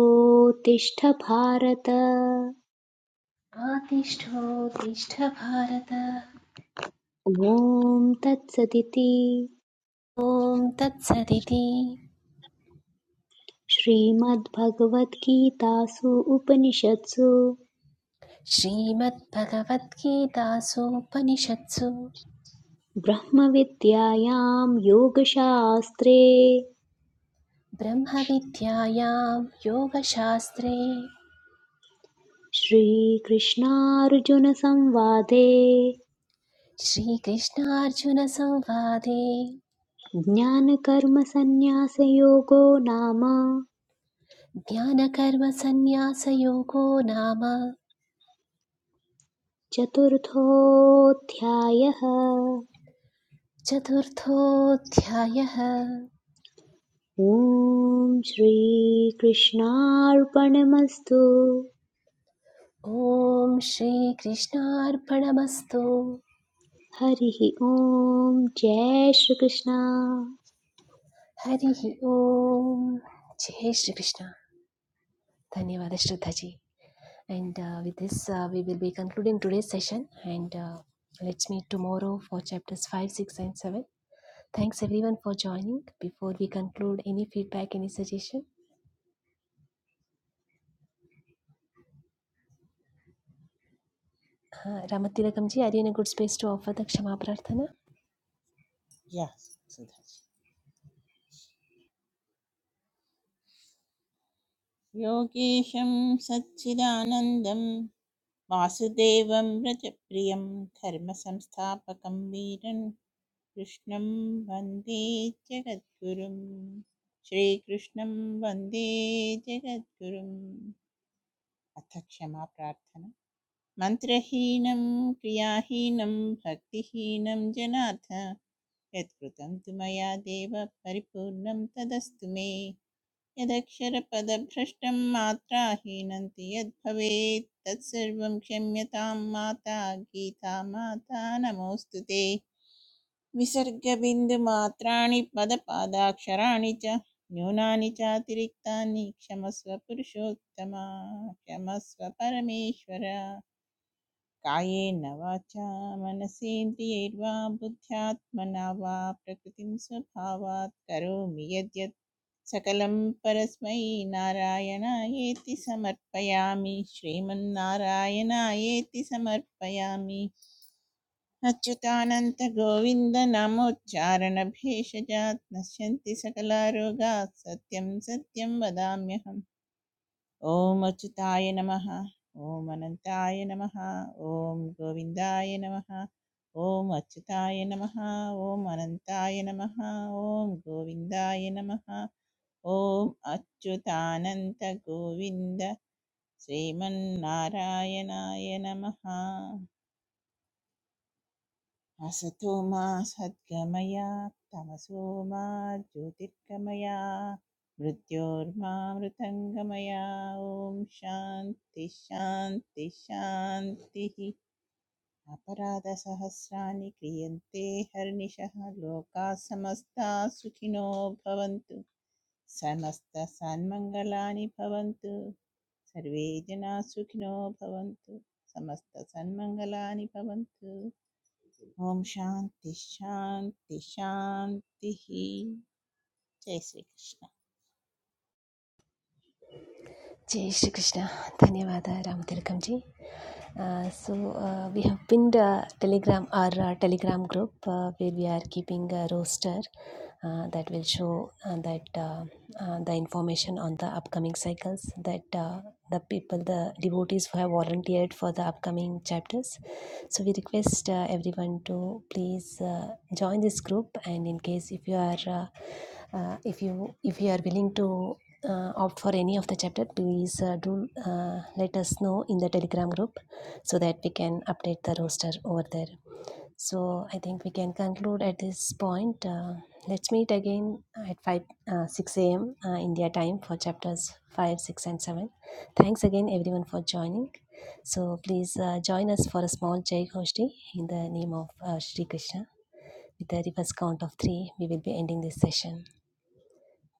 B: तिष्ठ भारत
A: आतिष्ठोत्तिष्ठ भारत
B: ॐ तत्सदिति
A: ॐ तत्सदिति
B: श्रीमद्भगवद्गीतासु उपनिषत्सु
A: श्रीमद्भगवद्गीतासूपनिषत्सु
B: ब्रह्मविद्यायां योगशास्त्रे
A: ब्रह्मविद्यायां योगशास्त्रे
B: श्रीकृष्णार्जुनसंवादे
A: श्रीकृष्णार्जुनसंवादे
B: ज्ञानकर्मसन्न्यासयोगो नाम
A: ज्ञानकर्मसन्न्यासयोगो नाम
B: चतुर्थोऽध्यायः
A: चतुर्थोऽध्यायः
B: ॐ श्रीकृष्णार्पणमस्तु
A: ॐ श्रीकृष्णार्पणमस्तु
B: हरिः ओम् जय श्रीकृष्ण
A: हरिः ॐ जय श्रीकृष्ण धन्यवाद Shraddhaji and with this we will be concluding today session and let's meet tomorrow for chapters 5 6 and 7 thanks everyone for joining before we conclude any feedback any suggestion Ramatilakam ji are you in good space to offer the क्षमा प्रार्थना
D: या सुधा योगेशं सच्चिदानन्दं वासुदेवं व्रजप्रियं धर्मसंस्थापकं वीरन् कृष्णं वन्दे जगद्गुरुं श्रीकृष्णं वन्दे जगद्गुरुम् अथ क्षमा प्रार्थना मन्त्रहीनं क्रियाहीनं भक्तिहीनं जनाथ यत्कृतं तु मया देव परिपूर्णं तदस्तु मे यदक्षरपदभ्रष्टं मात्राहीनं तु यद्भवेत् तत्सर्वं क्षम्यतां माता गीता माता नमोऽस्तु ते विसर्गबिन्दुमात्राणि पदपादाक्षराणि च न्यूनानि चातिरिक्तानि क्षमस्व पुरुषोत्तमा क्षमस्व परमेश्वर कायेन वाचा मनसेन्द्रियैर्वा बुद्ध्यात्मना वा प्रकृतिं स्वभावात् करोमि यद्यत् सकलं परस्मै नारायणायेति समर्पयामि श्रीमन्नारायणायेति समर्पयामि अच्युतानन्तगोविन्दनामोच्चारणभेषजात् नश्यन्ति सकलारोगात् सत्यं सत्यं वदाम्यहम् ॐ अच्युताय नमः ॐ अनन्ताय नमः ॐ गोविन्दाय नमः ॐ अच्युताय नमः ॐ अनन्ताय नमः ॐ गोविन्दाय नमः ॐ अच्युतानन्तगोविन्द श्रीमन्नारायणाय नमः असतो मा सद्गमया तमसो मा ज्योतिर्गमया मृत्योर्मा मृतङ्गमया ॐ शान्ति शान्ति शान्तिः अपराधसहस्राणि क्रियन्ते हर्निशः लोकाः समस्ता सुखिनो भवन्तु समस्तसन्मङ्गलानि भवन्तु सर्वे जनाः सुखिनो भवन्तु समस्तसन्मङ्गलानि भवन्तु ओम शांति शांति शांति जय Shri Krishna
A: Jai Shri Krishna. Dhanyavada Ram Tilakam ji. Uh, so uh, we have pinned uh, Telegram our uh, Telegram group uh, where we are keeping a roster uh, that will show uh, that uh, uh, the information on the upcoming cycles that uh, the people the devotees who have volunteered for the upcoming chapters. So we request uh, everyone to please uh, join this group and in case if you are uh, uh, if you if you are willing to uh, opt for any of the chapter please uh, do uh, let us know in the telegram group so that we can update the roster over there so i think we can conclude at this point uh, let's meet again at 5 uh, 6 a.m uh, india time for chapters 5 6 and 7 thanks again everyone for joining so please uh, join us for a small jai Ghoshti in the name of uh, Shri Krishna. With the reverse count of three, we will be ending this session.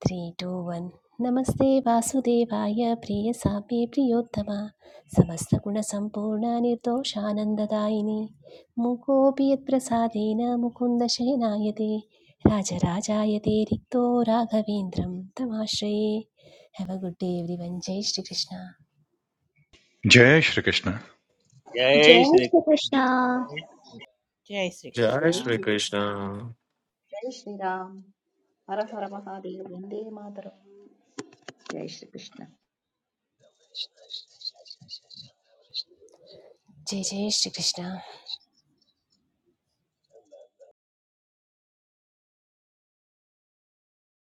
A: Three two one नमस्ते वासुदेवाय प्रियसाम्ये प्रियोत्तमा समस्तगुणसम्पूर्ण निर्दोषानन्ददायिनि मुकोऽपि यत्प्रसादेन मुकुन्दशयनाय ते राजराजाय ते रिक्तो राघवेन्द्रं तमाश्रये have a good day everyone जय श्रीकृष्ण
J: जय श्रीकृष्ण
E: जय
B: जय
E: श्रीकृष्ण
B: श्रीकृष्ण
D: जय श्री
K: Jai
H: जय
K: Sri
D: कृष्ण
H: श्रीकृष्ण
K: Krishna.
H: जय श्रीराम हर हर महादेव वन्दे मातरम् जय श्रीकृष्ण
A: जय जय श्रीकृष्ण